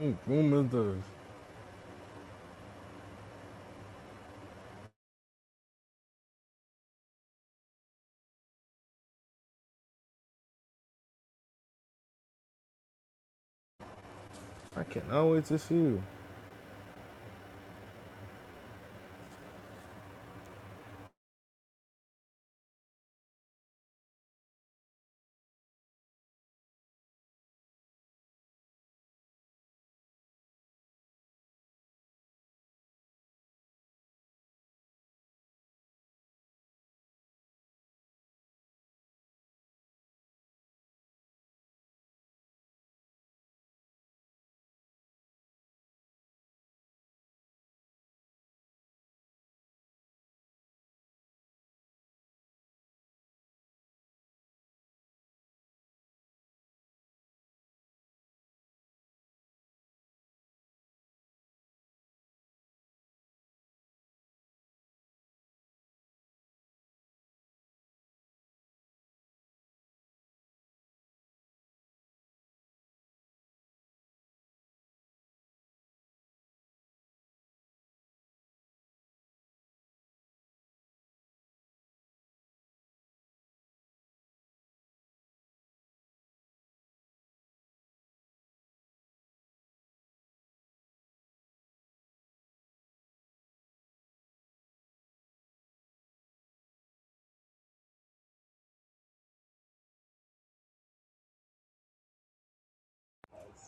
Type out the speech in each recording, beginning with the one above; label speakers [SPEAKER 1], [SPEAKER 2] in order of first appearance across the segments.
[SPEAKER 1] What room is this? I cannot wait to see you.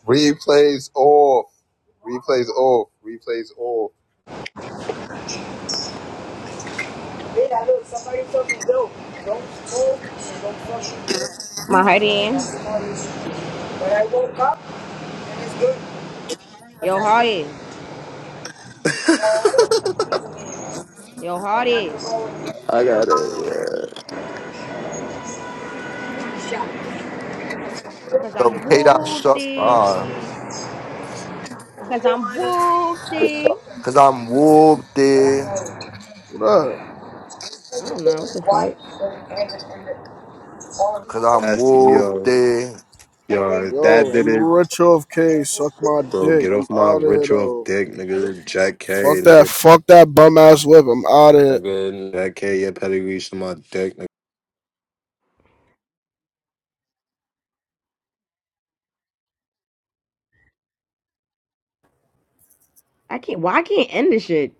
[SPEAKER 2] Replays off. Replays off. Replays off. Yeah, look, somebody fucking dope. Don't smoke and don't fucking drink.
[SPEAKER 3] My
[SPEAKER 2] That's
[SPEAKER 3] hearty,
[SPEAKER 2] the hardest. When I woke up, it's good.
[SPEAKER 3] yo hearty,
[SPEAKER 2] Oh,
[SPEAKER 3] yo
[SPEAKER 2] and I could
[SPEAKER 3] hearty,
[SPEAKER 2] go and get
[SPEAKER 4] I got it. Yeah.
[SPEAKER 3] cause
[SPEAKER 5] Yo,
[SPEAKER 3] I'm
[SPEAKER 5] K dot shut
[SPEAKER 3] whoopty,
[SPEAKER 5] uh,
[SPEAKER 3] cause
[SPEAKER 2] more
[SPEAKER 3] I'm
[SPEAKER 2] honey. I
[SPEAKER 3] whoopty.
[SPEAKER 5] cause I'm whooped
[SPEAKER 2] But I
[SPEAKER 5] there,
[SPEAKER 2] know
[SPEAKER 6] What up?
[SPEAKER 3] I
[SPEAKER 2] it's a
[SPEAKER 3] don't know what the fuck.
[SPEAKER 2] and, and, and all of
[SPEAKER 5] cause I'm
[SPEAKER 4] I
[SPEAKER 2] that.
[SPEAKER 4] see,
[SPEAKER 5] whooped
[SPEAKER 4] yo,
[SPEAKER 5] there.
[SPEAKER 2] And
[SPEAKER 4] yo,
[SPEAKER 2] then
[SPEAKER 4] if
[SPEAKER 2] when we're in
[SPEAKER 4] that
[SPEAKER 6] Yo,
[SPEAKER 4] did
[SPEAKER 2] the
[SPEAKER 6] I'm
[SPEAKER 4] it,
[SPEAKER 2] hospital,
[SPEAKER 6] retro
[SPEAKER 2] we
[SPEAKER 6] of
[SPEAKER 2] found
[SPEAKER 6] K.
[SPEAKER 2] out
[SPEAKER 6] Suck
[SPEAKER 2] who
[SPEAKER 6] my
[SPEAKER 2] did
[SPEAKER 4] bro,
[SPEAKER 6] dick.
[SPEAKER 4] get
[SPEAKER 6] I'm
[SPEAKER 4] off my
[SPEAKER 6] out of here
[SPEAKER 4] ritual of
[SPEAKER 6] though.
[SPEAKER 4] dick, nigga. Jack K,
[SPEAKER 6] Fuck that.
[SPEAKER 4] nigga.
[SPEAKER 6] Fuck that bum ass whip. I'm out of here.
[SPEAKER 4] Nigga, Jack K, your pedigree to my dick,
[SPEAKER 3] I can't. Why I can't end this shit?